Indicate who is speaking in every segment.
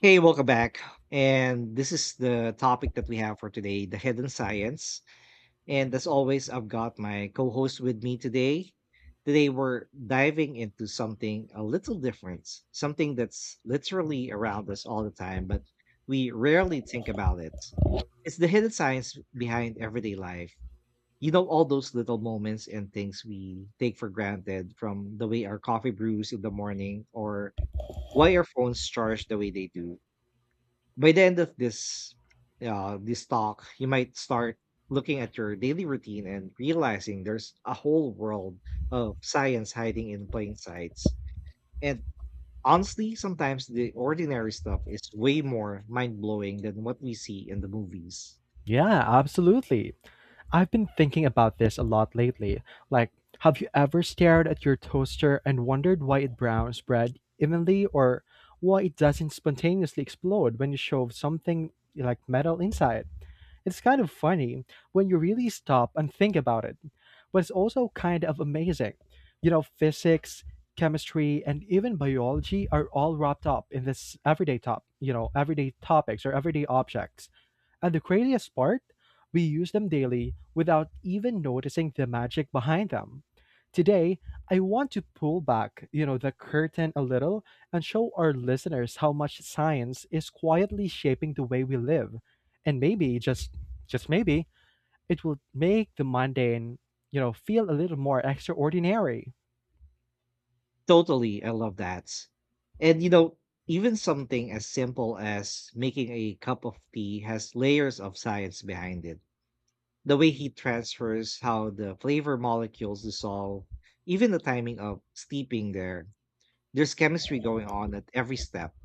Speaker 1: Hey, welcome back. And this is the topic that we have for today, the hidden science. And as always, I've got my co host with me today. Today, we're diving into something a little different, something that's literally around us all the time, but we rarely think about it. It's the hidden science behind everyday life. You know, all those little moments and things we take for granted, from the way our coffee brews in the morning or why our phones charge the way they do. By the end of this talk, you might start looking at your daily routine and realizing there's a whole world of science hiding in plain sights. And honestly, sometimes the ordinary stuff is way more mind blowing than what we see in the movies.
Speaker 2: Yeah, absolutely. I've been thinking about this a lot lately. Like, have you ever stared at your toaster and wondered why it browns bread evenly or why it doesn't spontaneously explode when you shove something like metal inside? It's kind of funny when you really stop and think about it, but it's also kind of amazing. You know, physics, chemistry, and even biology are all wrapped up in this everyday topics or everyday objects and the craziest part? We use them daily without even noticing the magic behind them. Today, I want to pull back, the curtain a little and show our listeners how much science is quietly shaping the way we live. And maybe just maybe it will make the mundane, feel a little more extraordinary.
Speaker 1: Totally, I love that. And you know, even something as simple as making a cup of tea has layers of science behind it. The way he transfers, how the flavor molecules dissolve, even the timing of steeping, there's chemistry going on at every step.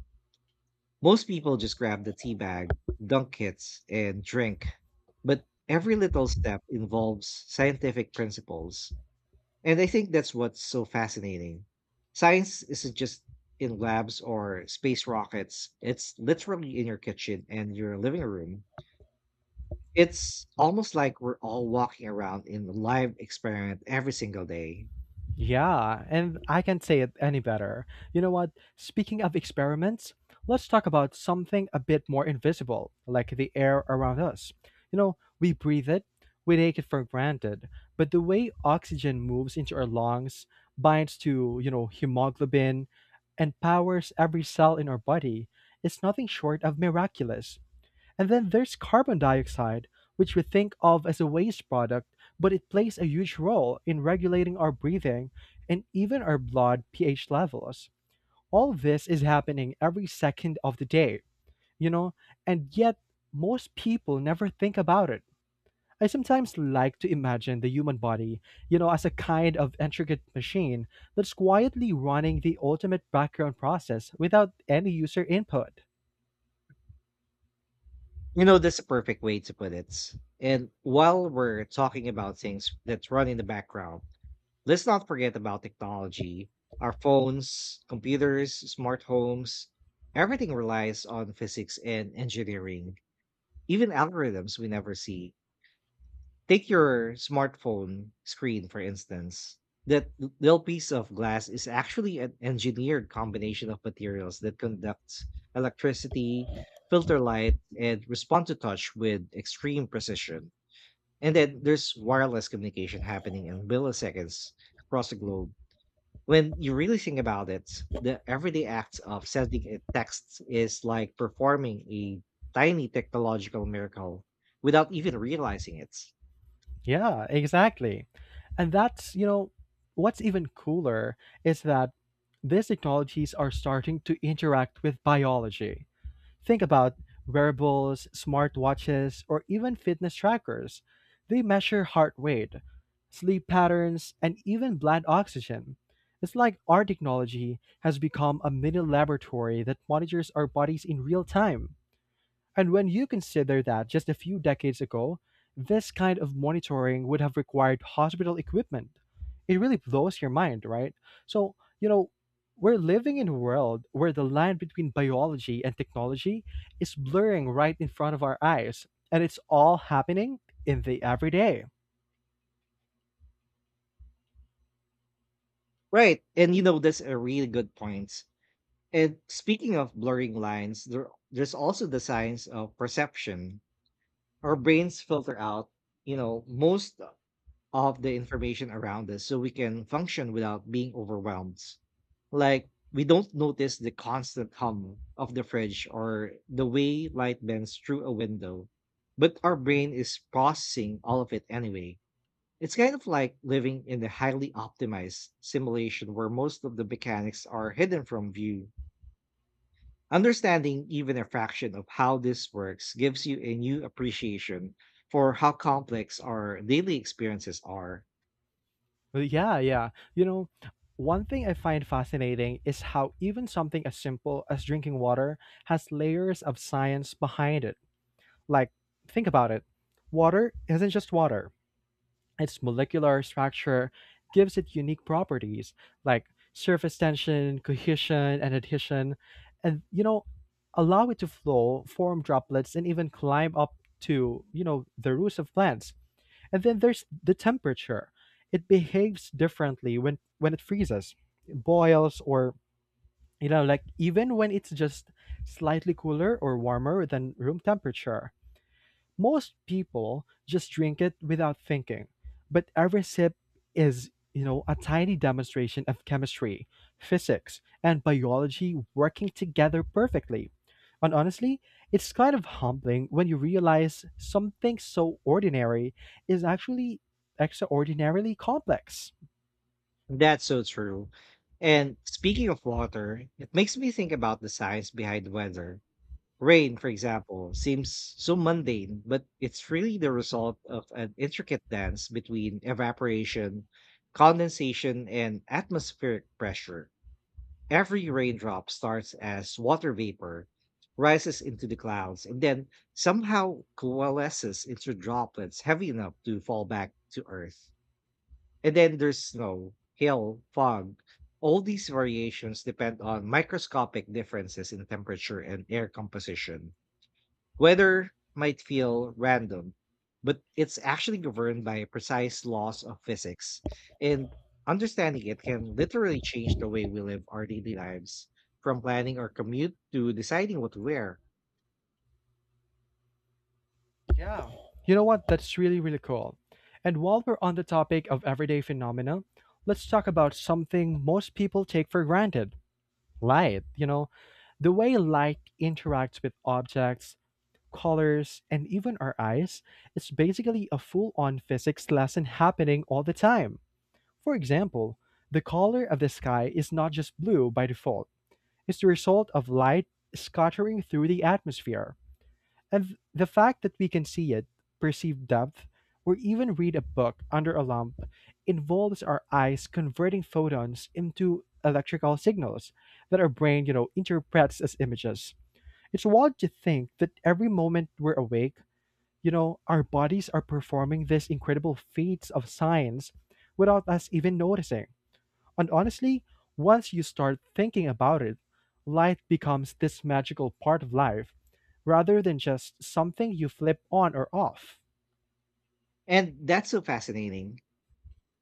Speaker 1: Most people just grab the tea bag, dunk it, and drink, but every little step involves scientific principles. And I think that's what's so fascinating. Science isn't just in labs or space rockets, it's literally in your kitchen and your living room. It's almost like we're all walking around in a live experiment every single day.
Speaker 2: Yeah, and I can't say it any better. You know what? Speaking of experiments, let's talk about something a bit more invisible, like the air around us. You know, we breathe it, we take it for granted, but the way oxygen moves into our lungs, binds to, hemoglobin, and powers every cell in our body is nothing short of miraculous. And then there's carbon dioxide, which we think of as a waste product, but it plays a huge role in regulating our breathing and even our blood pH levels. All this is happening every second of the day, you know, and yet most people never think about it. I sometimes like to imagine the human body, as a kind of intricate machine that's quietly running the ultimate background process without any user input.
Speaker 1: You know, that's a perfect way to put it. And while we're talking about things that run in the background, let's not forget about technology. Our phones, computers, smart homes, everything relies on physics and engineering, even algorithms we never see. Take your smartphone screen, for instance. That little piece of glass is actually an engineered combination of materials that conducts electricity, filter light, and respond to touch with extreme precision. And then there's wireless communication happening in milliseconds across the globe. When you really think about it, the everyday act of sending a text is like performing a tiny technological miracle without even realizing it.
Speaker 2: Yeah, exactly. And that's what's even cooler is that these technologies are starting to interact with biology. Think about wearables, smartwatches, or even fitness trackers. They measure heart rate, sleep patterns, and even blood oxygen. It's like our technology has become a mini laboratory that monitors our bodies in real time. And when you consider that just a few decades ago, this kind of monitoring would have required hospital equipment, it really blows your mind, right? So, we're living in a world where the line between biology and technology is blurring right in front of our eyes, and it's all happening in the everyday.
Speaker 1: Right. And you know, that's a really good point. And speaking of blurring lines, there's also the science of perception. Our brains filter out, you know, most of the information around us so we can function without being overwhelmed. Like, we don't notice the constant hum of the fridge or the way light bends through a window, but our brain is processing all of it anyway. It's kind of like living in a highly optimized simulation where most of the mechanics are hidden from view. Understanding even a fraction of how this works gives you a new appreciation for how complex our daily experiences are.
Speaker 2: Well, yeah, yeah. One thing I find fascinating is how even something as simple as drinking water has layers of science behind it. Like, think about it. Water isn't just water. Its molecular structure gives it unique properties like surface tension, cohesion, and adhesion, and allow it to flow, form droplets, and even climb up to, the roots of plants. And then there's the temperature. It behaves differently when it freezes, it boils, or even when it's just slightly cooler or warmer than room temperature most people just drink it without thinking, but every sip is, a tiny demonstration of chemistry, physics, and biology working together perfectly. And honestly, it's kind of humbling when you realize something so ordinary is actually extraordinarily complex.
Speaker 1: That's so true. And speaking of water, it makes me think about the science behind weather. Rain, for example, seems so mundane, but it's really the result of an intricate dance between evaporation, condensation, and atmospheric pressure. Every raindrop starts as water vapor, rises into the clouds, and then somehow coalesces into droplets heavy enough to fall back to Earth. And then there's snow, hail, fog. All these variations depend on microscopic differences in temperature and air composition. Weather might feel random, but it's actually governed by precise laws of physics, and understanding it can literally change the way we live our daily lives, from planning our commute to deciding what to wear.
Speaker 2: Yeah. You know what? That's really, really cool. And while we're on the topic of everyday phenomena, let's talk about something most people take for granted. Light, the way light interacts with objects, colors, and even our eyes, it's basically a full on physics lesson happening all the time. For example, the color of the sky is not just blue by default, it's the result of light scattering through the atmosphere. And the fact that we can see it, perceive depth, or even read a book under a lamp involves our eyes converting photons into electrical signals that our brain, interprets as images. It's wild to think that every moment we're awake, our bodies are performing these incredible feats of science without us even noticing. And honestly, once you start thinking about it, light becomes this magical part of life rather than just something you flip on or off.
Speaker 1: And that's so fascinating.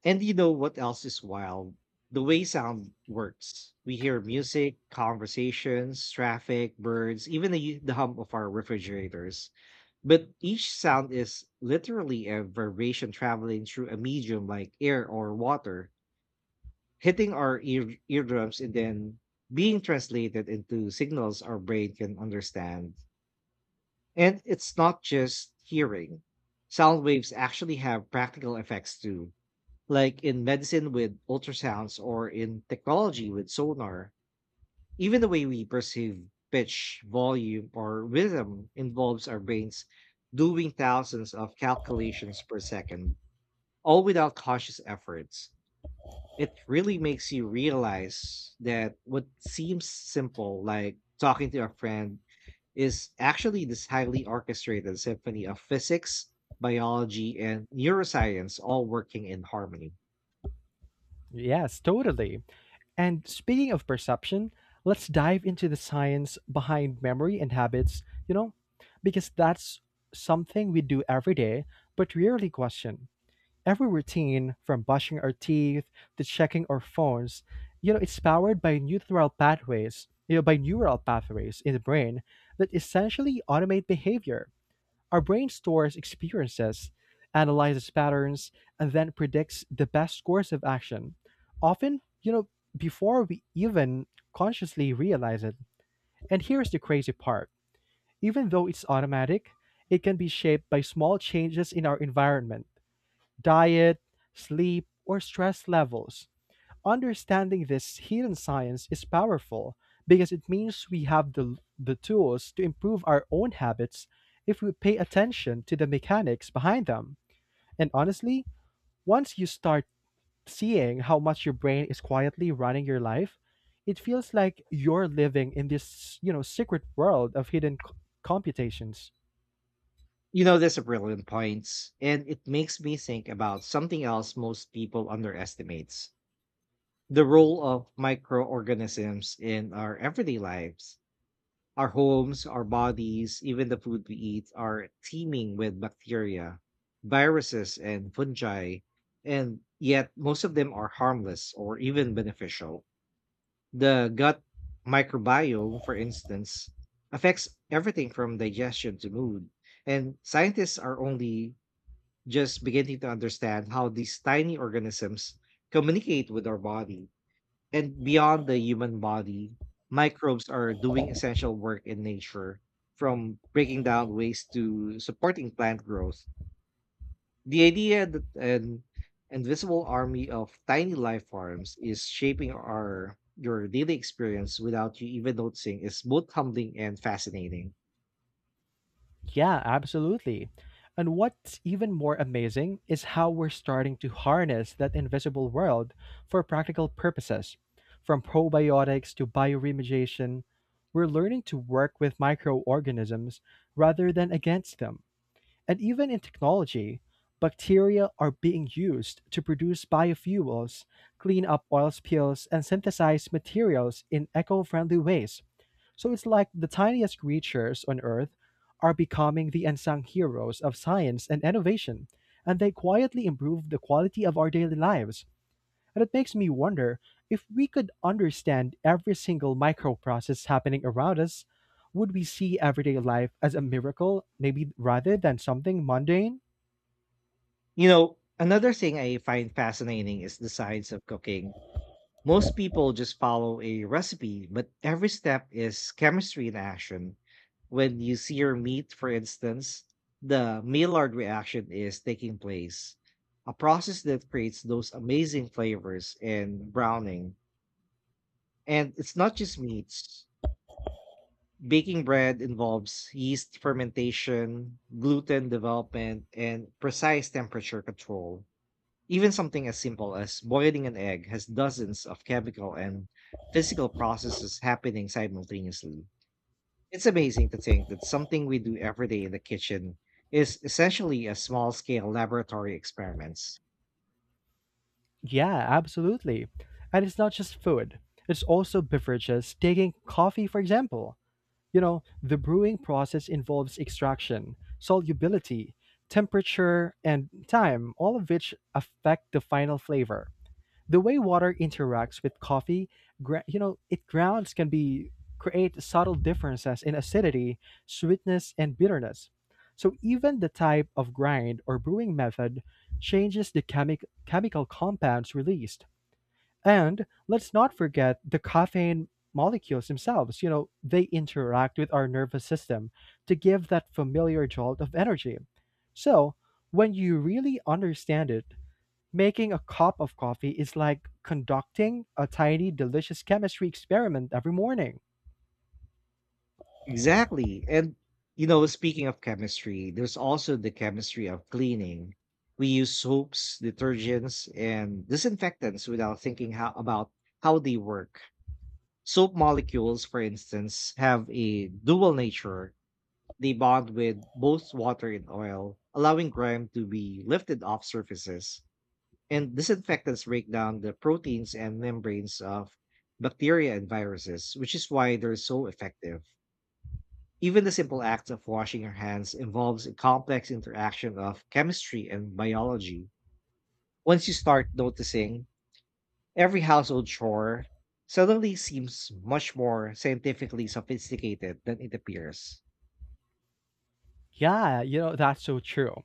Speaker 1: And you know what else is wild? The way sound works. We hear music, conversations, traffic, birds, even the hum of our refrigerators. But each sound is literally a vibration traveling through a medium like air or water, hitting our eardrums and then being translated into signals our brain can understand. And it's not just hearing, sound waves actually have practical effects too, like in medicine with ultrasounds or in technology with sonar. Even the way we perceive pitch, volume, or rhythm involves our brains doing thousands of calculations per second, all without conscious efforts. It really makes you realize that what seems simple, like talking to a friend, is actually this highly orchestrated symphony of physics, biology, and neuroscience all working in harmony.
Speaker 2: Yes, totally. And speaking of perception, let's dive into the science behind memory and habits, you know, because that's something we do every day but rarely question. Every routine, from brushing our teeth to checking our phones, it's powered by neural pathways in the brain that essentially automate behavior. Our brain stores experiences, analyzes patterns, and then predicts the best course of action. Often, before we even consciously realize it. And here's the crazy part. Even though it's automatic, it can be shaped by small changes in our environment diet, sleep, or stress levels. Understanding this hidden science is powerful because it means we have the tools to improve our own habits if we pay attention to the mechanics behind them. And honestly, once you start seeing how much your brain is quietly running your life, it feels like you're living in this secret world of hidden computations.
Speaker 1: You know, that's a brilliant point, and it makes me think about something else most people underestimates: the role of microorganisms in our everyday lives. Our homes, our bodies, even the food we eat are teeming with bacteria, viruses, and fungi, and yet most of them are harmless or even beneficial. The gut microbiome, for instance, affects everything from digestion to mood, and scientists are only just beginning to understand how these tiny organisms communicate with our body. And beyond the human body, microbes are doing essential work in nature, from breaking down waste to supporting plant growth. The idea that an invisible army of tiny life forms is shaping our your daily experience without you even noticing is both humbling and fascinating.
Speaker 2: Yeah, absolutely. And what's even more amazing is how we're starting to harness that invisible world for practical purposes. From probiotics to bioremediation, we're learning to work with microorganisms rather than against them. And even in technology, bacteria are being used to produce biofuels, clean up oil spills, and synthesize materials in eco friendly ways. So it's like the tiniest creatures on Earth are becoming the unsung heroes of science and innovation, and they quietly improve the quality of our daily lives. And it makes me wonder if we could understand every single microprocess happening around us, would we see everyday life as a miracle, maybe rather than something mundane?
Speaker 1: You know, another thing I find fascinating is the science of cooking. Most people just follow a recipe, but every step is chemistry in action. When you sear meat, for instance, the Maillard reaction is taking place, a process that creates those amazing flavors and browning. And it's not just meats. Baking bread involves yeast fermentation, gluten development, and precise temperature control. Even something as simple as boiling an egg has dozens of chemical and physical processes happening simultaneously. It's amazing to think that something we do every day in the kitchen is essentially a small scale laboratory experiments.
Speaker 2: Yeah, absolutely. And it's not just food, it's also beverages. Taking coffee, for example. You know, the brewing process involves extraction, solubility, temperature, and time, all of which affect the final flavor. The way water interacts with coffee, gra- you know, it grounds can be create subtle differences in acidity, sweetness, and bitterness. So even the type of grind or brewing method changes the chemical compounds released. And let's not forget the caffeine molecules themselves. You know, they interact with our nervous system to give that familiar jolt of energy. So when you really understand it, making a cup of coffee is like conducting a tiny, delicious chemistry experiment every morning.
Speaker 1: Exactly. And you know, speaking of chemistry, there's also the chemistry of cleaning. We use soaps, detergents, and disinfectants without thinking how, about how they work. Soap molecules, for instance, have a dual nature. They bond with both water and oil, allowing grime to be lifted off surfaces, and disinfectants break down the proteins and membranes of bacteria and viruses, which is why they're so effective. Even the simple act of washing your hands involves a complex interaction of chemistry and biology. Once you start noticing, every household chore suddenly seems much more scientifically sophisticated than it appears.
Speaker 2: Yeah, that's so true.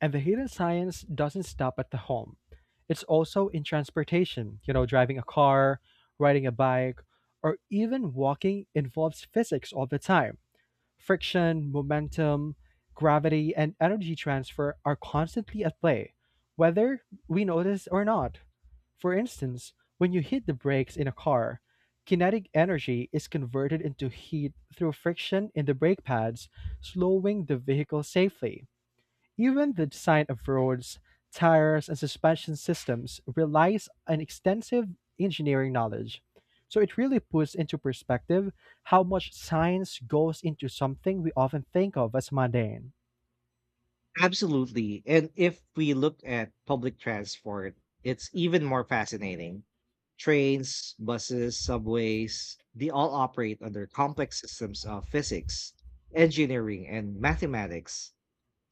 Speaker 2: And the hidden science doesn't stop at the home. It's also in transportation. You know, driving a car, riding a bike, or even walking involves physics all the time. Friction, momentum, gravity, and energy transfer are constantly at play, whether we notice or not. For instance, when you hit the brakes in a car, kinetic energy is converted into heat through friction in the brake pads, slowing the vehicle safely. Even the design of roads, tires and suspension systems relies on extensive engineering knowledge. So it really puts into perspective how much science goes into something we often think of as mundane.
Speaker 1: Absolutely. And if we look at public transport, it's even more fascinating. Trains, buses, subways, they all operate under complex systems of physics, engineering, and mathematics.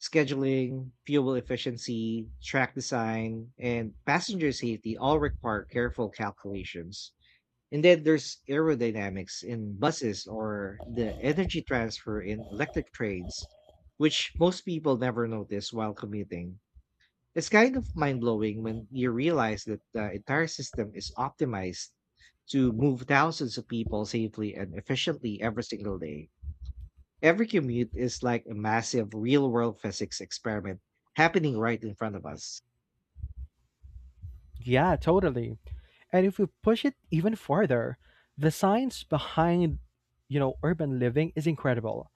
Speaker 1: Scheduling, fuel efficiency, track design, and passenger safety all require careful calculations. And then there's aerodynamics in buses or the energy transfer in electric trains, which most people never notice while commuting. It's kind of mind blowing when you realize that the entire system is optimized to move thousands of people safely and efficiently every single day. Every commute is like a massive real world physics experiment happening right in front of us.
Speaker 2: Yeah, totally. And if we push it even further, the science behind, urban living is incredible.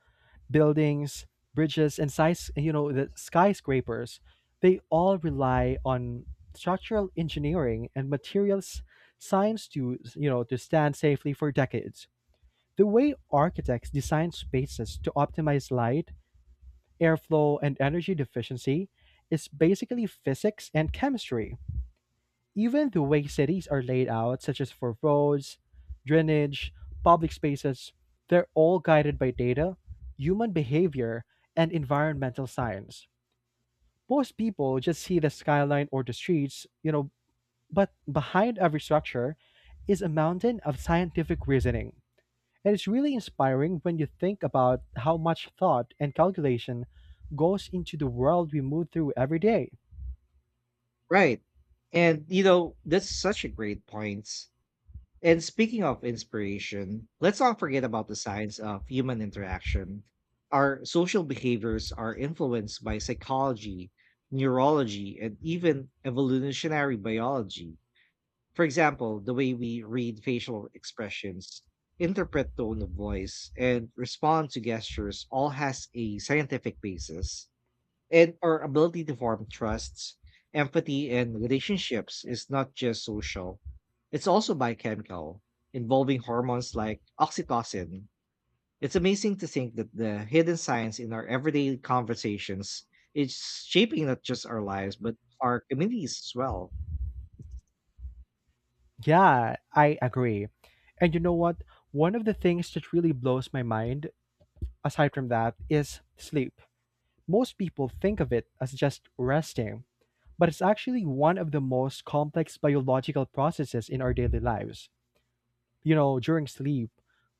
Speaker 2: Buildings, bridges, and size, the skyscrapers, they all rely on structural engineering and materials science to, to stand safely for decades. The way architects design spaces to optimize light, airflow, and energy efficiency is basically physics and chemistry. Even the way cities are laid out, such as for roads, drainage, public spaces, they're all guided by data, human behavior, and environmental science. Most people just see the skyline or the streets, but behind every structure is a mountain of scientific reasoning. And it's really inspiring when you think about how much thought and calculation goes into the world we move through every day.
Speaker 1: Right. And, you know, that's such a great point. And speaking of inspiration, let's not forget about the science of human interaction. Our social behaviors are influenced by psychology, neurology, and even evolutionary biology. For example, the way we read facial expressions, interpret tone of voice, and respond to gestures all has a scientific basis. And our ability to form trusts, empathy, and relationships is not just social, it's also biochemical, involving hormones like oxytocin. It's amazing to think that the hidden science in our everyday conversations is shaping not just our lives, but our communities as well.
Speaker 2: Yeah, I agree. And you know what? One of the things that really blows my mind, aside from that, is sleep. Most people think of it as just resting, but it's actually one of the most complex biological processes in our daily lives. You know, during sleep,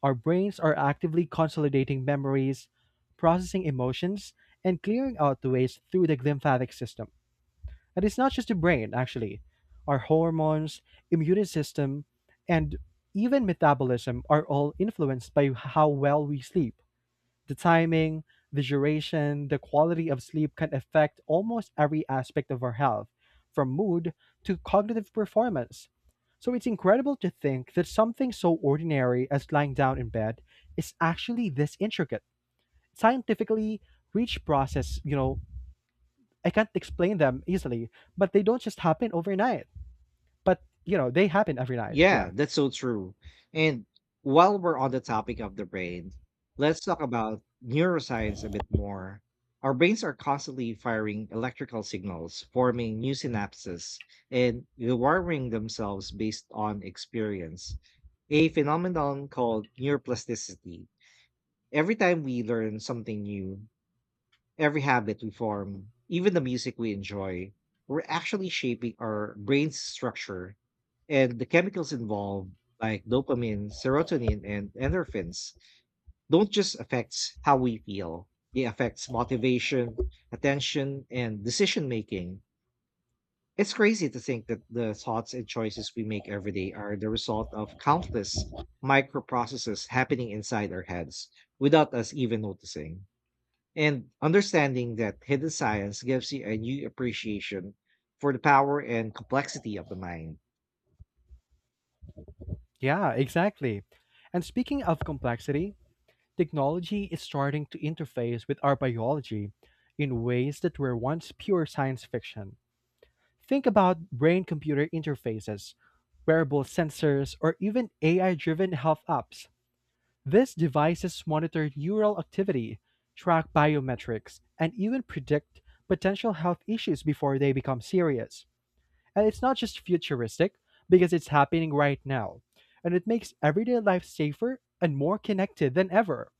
Speaker 2: our brains are actively consolidating memories, processing emotions, and clearing out the waste through the lymphatic system. And it's not just the brain, actually. Our hormones, immune system, and even metabolism are all influenced by how well we sleep. The timing, the duration, the quality of sleep can affect almost every aspect of our health, from mood to cognitive performance. So it's incredible to think that something so ordinary as lying down in bed is actually this intricate, scientifically rich process. I can't explain them easily, but they don't just happen overnight. But, they happen every night.
Speaker 1: Yeah,
Speaker 2: Yeah.
Speaker 1: that's so true. And while we're on the topic of the brain, let's talk about neuroscience a bit more. Our brains are constantly firing electrical signals, forming new synapses, and rewiring themselves based on experience, a phenomenon called neuroplasticity. Every time we learn something new, every habit we form, even the music we enjoy, we're actually shaping our brain's structure. And the chemicals involved, like dopamine, serotonin, and endorphins, don't just affect how we feel. They affect motivation, attention, and decision making. It's crazy to think that the thoughts and choices we make every day are the result of countless microprocesses happening inside our heads without us even noticing. And understanding that hidden science gives you a new appreciation for the power and complexity of the mind.
Speaker 2: Yeah, exactly. And speaking of complexity, technology is starting to interface with our biology in ways that were once pure science fiction. Think about brain computer interfaces, wearable sensors, or even AI driven health apps. These devices monitor neural activity, track biometrics, and even predict potential health issues before they become serious. And it's not just futuristic, because it's happening right now. And it makes everyday life safer and more connected than ever.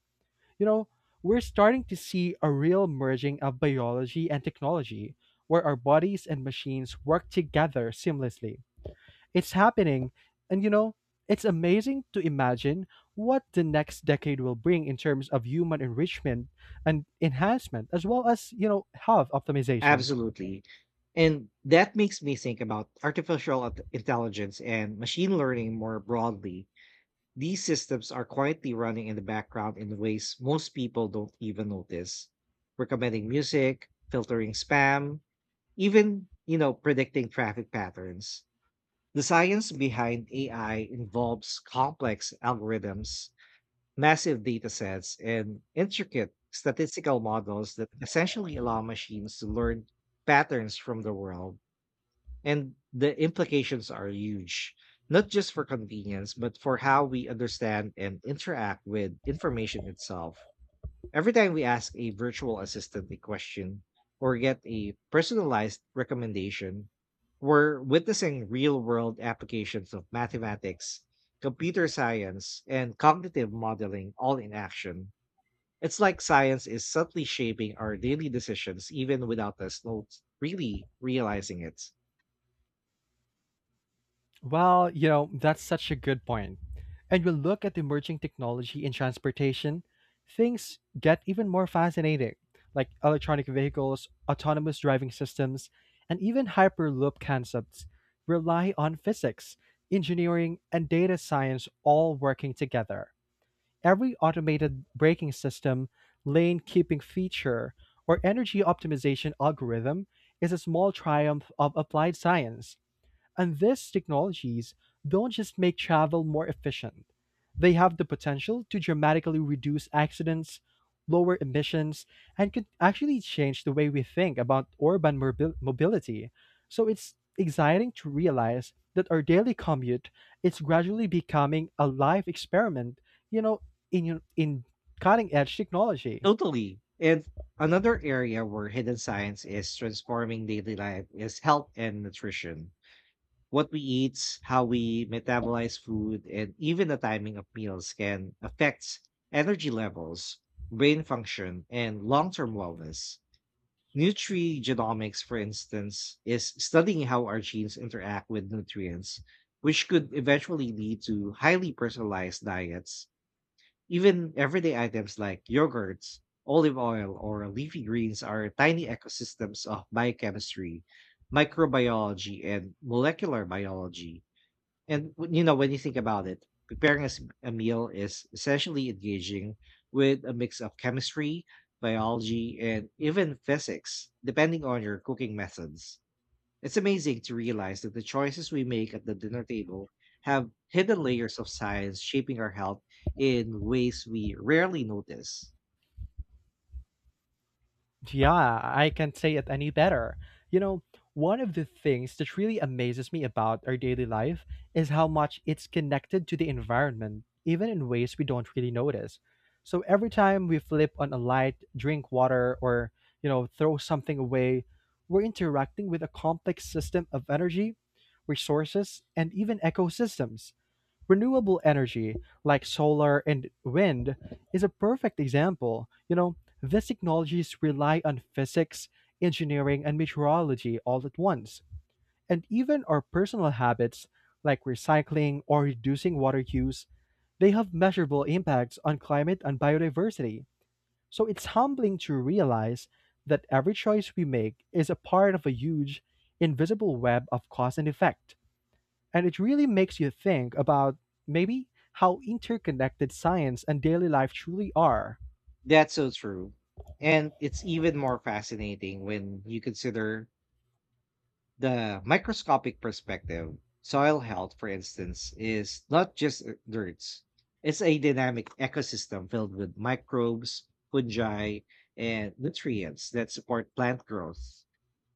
Speaker 2: You know, we're starting to see a real merging of biology and technology, where our bodies and machines work together seamlessly. It's happening. And it's amazing to imagine what the next decade will bring in terms of human enrichment and enhancement, as well as, health optimization.
Speaker 1: Absolutely. And that makes me think about artificial intelligence and machine learning more broadly. These systems are quietly running in the background in ways most people don't even notice, recommending music, filtering spam, even, you know, predicting traffic patterns. The science behind AI involves complex algorithms, massive datasets and intricate statistical models that essentially allow machines to learn patterns from the world. And the implications are huge, not just for convenience, but for how we understand and interact with information itself. Every time we ask a virtual assistant a question or get a personalized recommendation, we're witnessing real world applications of mathematics, computer science, and cognitive modeling all in action. It's like science is subtly shaping our daily decisions even without us not really realizing it.
Speaker 2: Well, you know, that's such a good point. And we'll look at emerging technology in transportation, things get even more fascinating, like electronic vehicles, autonomous driving systems, and even hyperloop concepts rely on physics, engineering, and data science all working together. Every automated braking system, lane keeping feature, or energy optimization algorithm is a small triumph of applied science. And these technologies don't just make travel more efficient, they have the potential to dramatically reduce accidents, lower emissions, and could actually change the way we think about urban mobility. So it's exciting to realize that our daily commute is gradually becoming a life experiment, you know, in cutting edge technology.
Speaker 1: Totally. And another area where hidden science is transforming daily life is health and nutrition. What we eat, how we metabolize food, and even the timing of meals can affect energy levels, brain function, and long term wellness. Nutrigenomics, for instance, is studying how our genes interact with nutrients, which could eventually lead to highly personalized diets. Even everyday items like yogurts, olive oil, or leafy greens are tiny ecosystems of biochemistry, microbiology, and molecular biology. And you know, when you think about it, preparing a meal is essentially engaging with a mix of chemistry, biology, and even physics, depending on your cooking methods. It's amazing to realize that the choices we make at the dinner table have hidden layers of science shaping our health in ways we rarely notice.
Speaker 2: Yeah, I can't say it any better. You know, one of the things that really amazes me about our daily life is how much it's connected to the environment, even in ways we don't really notice. So every time we flip on a light, drink water, or, throw something away, we're interacting with a complex system of energy, resources, and even ecosystems. Renewable energy like solar and wind is a perfect example. You know, these technologies rely on physics, engineering, and meteorology all at once. And even our personal habits, like recycling or reducing water use, they have measurable impacts on climate and biodiversity. So it's humbling to realize that every choice we make is a part of a huge, invisible web of cause and effect. And it really makes you think about maybe how interconnected science and daily life truly are.
Speaker 1: That's so true. And it's even more fascinating when you consider the microscopic perspective. Soil health, for instance, is not just dirt. It's a dynamic ecosystem filled with microbes, fungi, and nutrients that support plant growth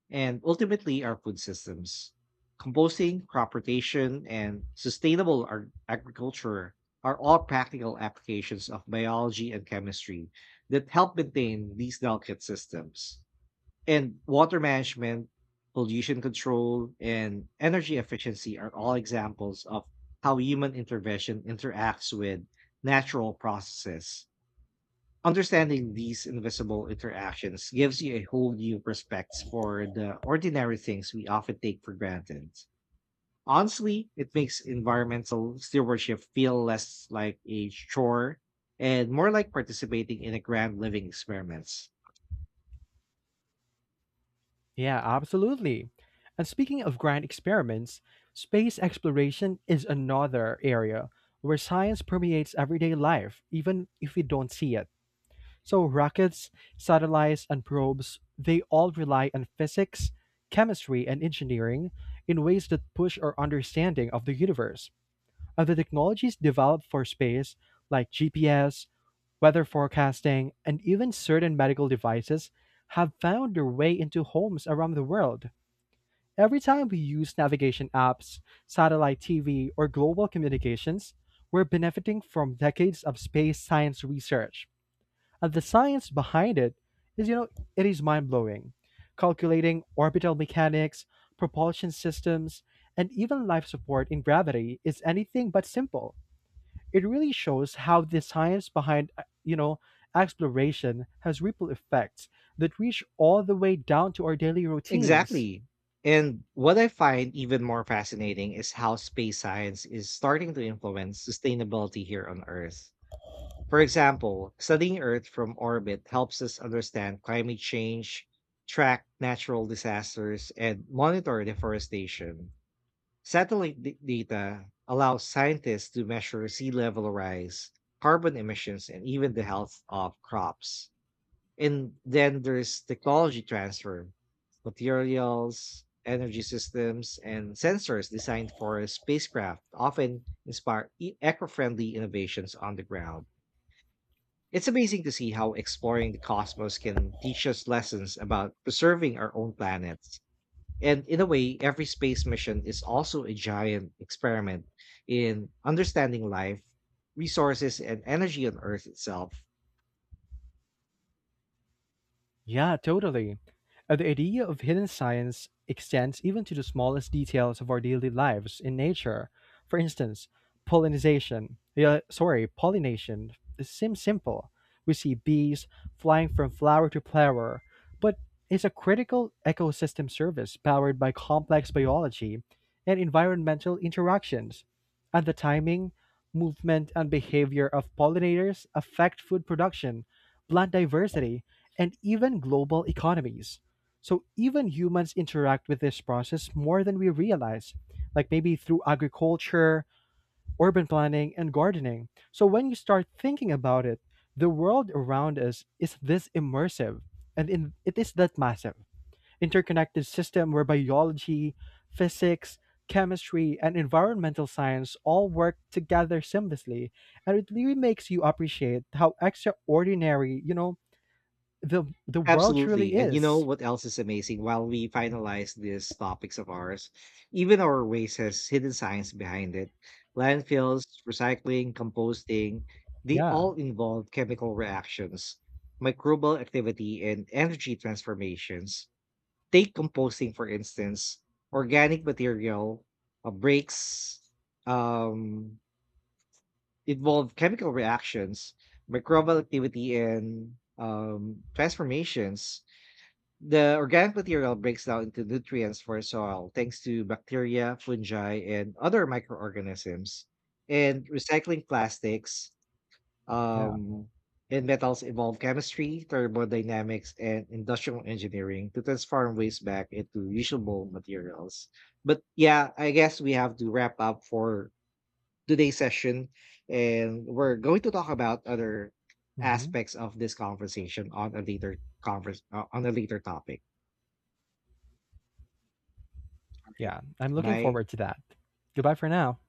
Speaker 1: and ultimately our food systems. Composting, crop rotation, and sustainable agriculture are all practical applications of biology and chemistry that help maintain these delicate systems. And water management, pollution control, and energy efficiency are all examples of how human intervention interacts with natural processes. Understanding these invisible interactions gives you a whole new perspective for the ordinary things we often take for granted. Honestly, it makes environmental stewardship feel less like a chore and more like participating in a grand living experiment.
Speaker 2: Yeah, absolutely. And speaking of grand experiments, space exploration is another area where science permeates everyday life, even if we don't see it. So, rockets, satellites, and probes, they all rely on physics, chemistry, and engineering in ways that push our understanding of the universe. And the technologies developed for space, like GPS, weather forecasting, and even certain medical devices have found their way into homes around the world. Every time we use navigation apps, satellite TV, or global communications, we're benefiting from decades of space science research. And the science behind it is, it is mind blowing. Calculating orbital mechanics, propulsion systems, and even life support in gravity is anything but simple. It really shows how the science behind, exploration has ripple effects that reach all the way down to our daily routines.
Speaker 1: Exactly. And what I find even more fascinating is how space science is starting to influence sustainability here on Earth. For example, studying Earth from orbit helps us understand climate change, track natural disasters, and monitor deforestation. Satellite data allows scientists to measure sea level rise, carbon emissions, and even the health of crops. And then there's technology transfer, materials, energy systems, and sensors designed for spacecraft often inspire eco-friendly innovations on the ground. It's amazing to see how exploring the cosmos can teach us lessons about preserving our own planets. And in a way, every space mission is also a giant experiment in understanding life, resources, and energy on Earth itself.
Speaker 2: Yeah, totally. The idea of hidden science extends even to the smallest details of our daily lives in nature. For instance, pollination. Yeah, sorry, pollination. It seems simple. We see bees flying from flower to flower, but it's a critical ecosystem service powered by complex biology and environmental interactions. And the timing, movement, and behavior of pollinators affect food production, plant diversity, and even global economies. So even humans interact with this process more than we realize, like maybe through agriculture, urban planning, and gardening. So when you start thinking about it, the world around us is this immersive it is that massive interconnected system where biology, physics, chemistry, and environmental science all work together seamlessly. And it really makes you appreciate how extraordinary, the world truly
Speaker 1: Absolutely. And you know
Speaker 2: is.
Speaker 1: what else is amazing? While we finalize these topics of ours, even our waste has hidden science behind it. Landfills, recycling, composting, they
Speaker 2: Yeah.
Speaker 1: all involve chemical reactions, microbial activity, and energy transformations. Take composting, for instance, organic material breaks um, involve chemical reactions, microbial activity, and transformations, the organic material breaks down into nutrients for soil thanks to bacteria, fungi, and other microorganisms. And recycling plastics
Speaker 2: Yeah.
Speaker 1: um, and metals involve chemistry, thermodynamics, and industrial engineering to transform waste back into usable materials. But yeah, I guess we have to wrap up for today's session. And we're going to talk about other
Speaker 2: Hmm.
Speaker 1: aspects of this conversation on a later conference on a later topic. Alright,
Speaker 2: Yeah. I'm looking
Speaker 1: bye.
Speaker 2: forward to that. Goodbye for now.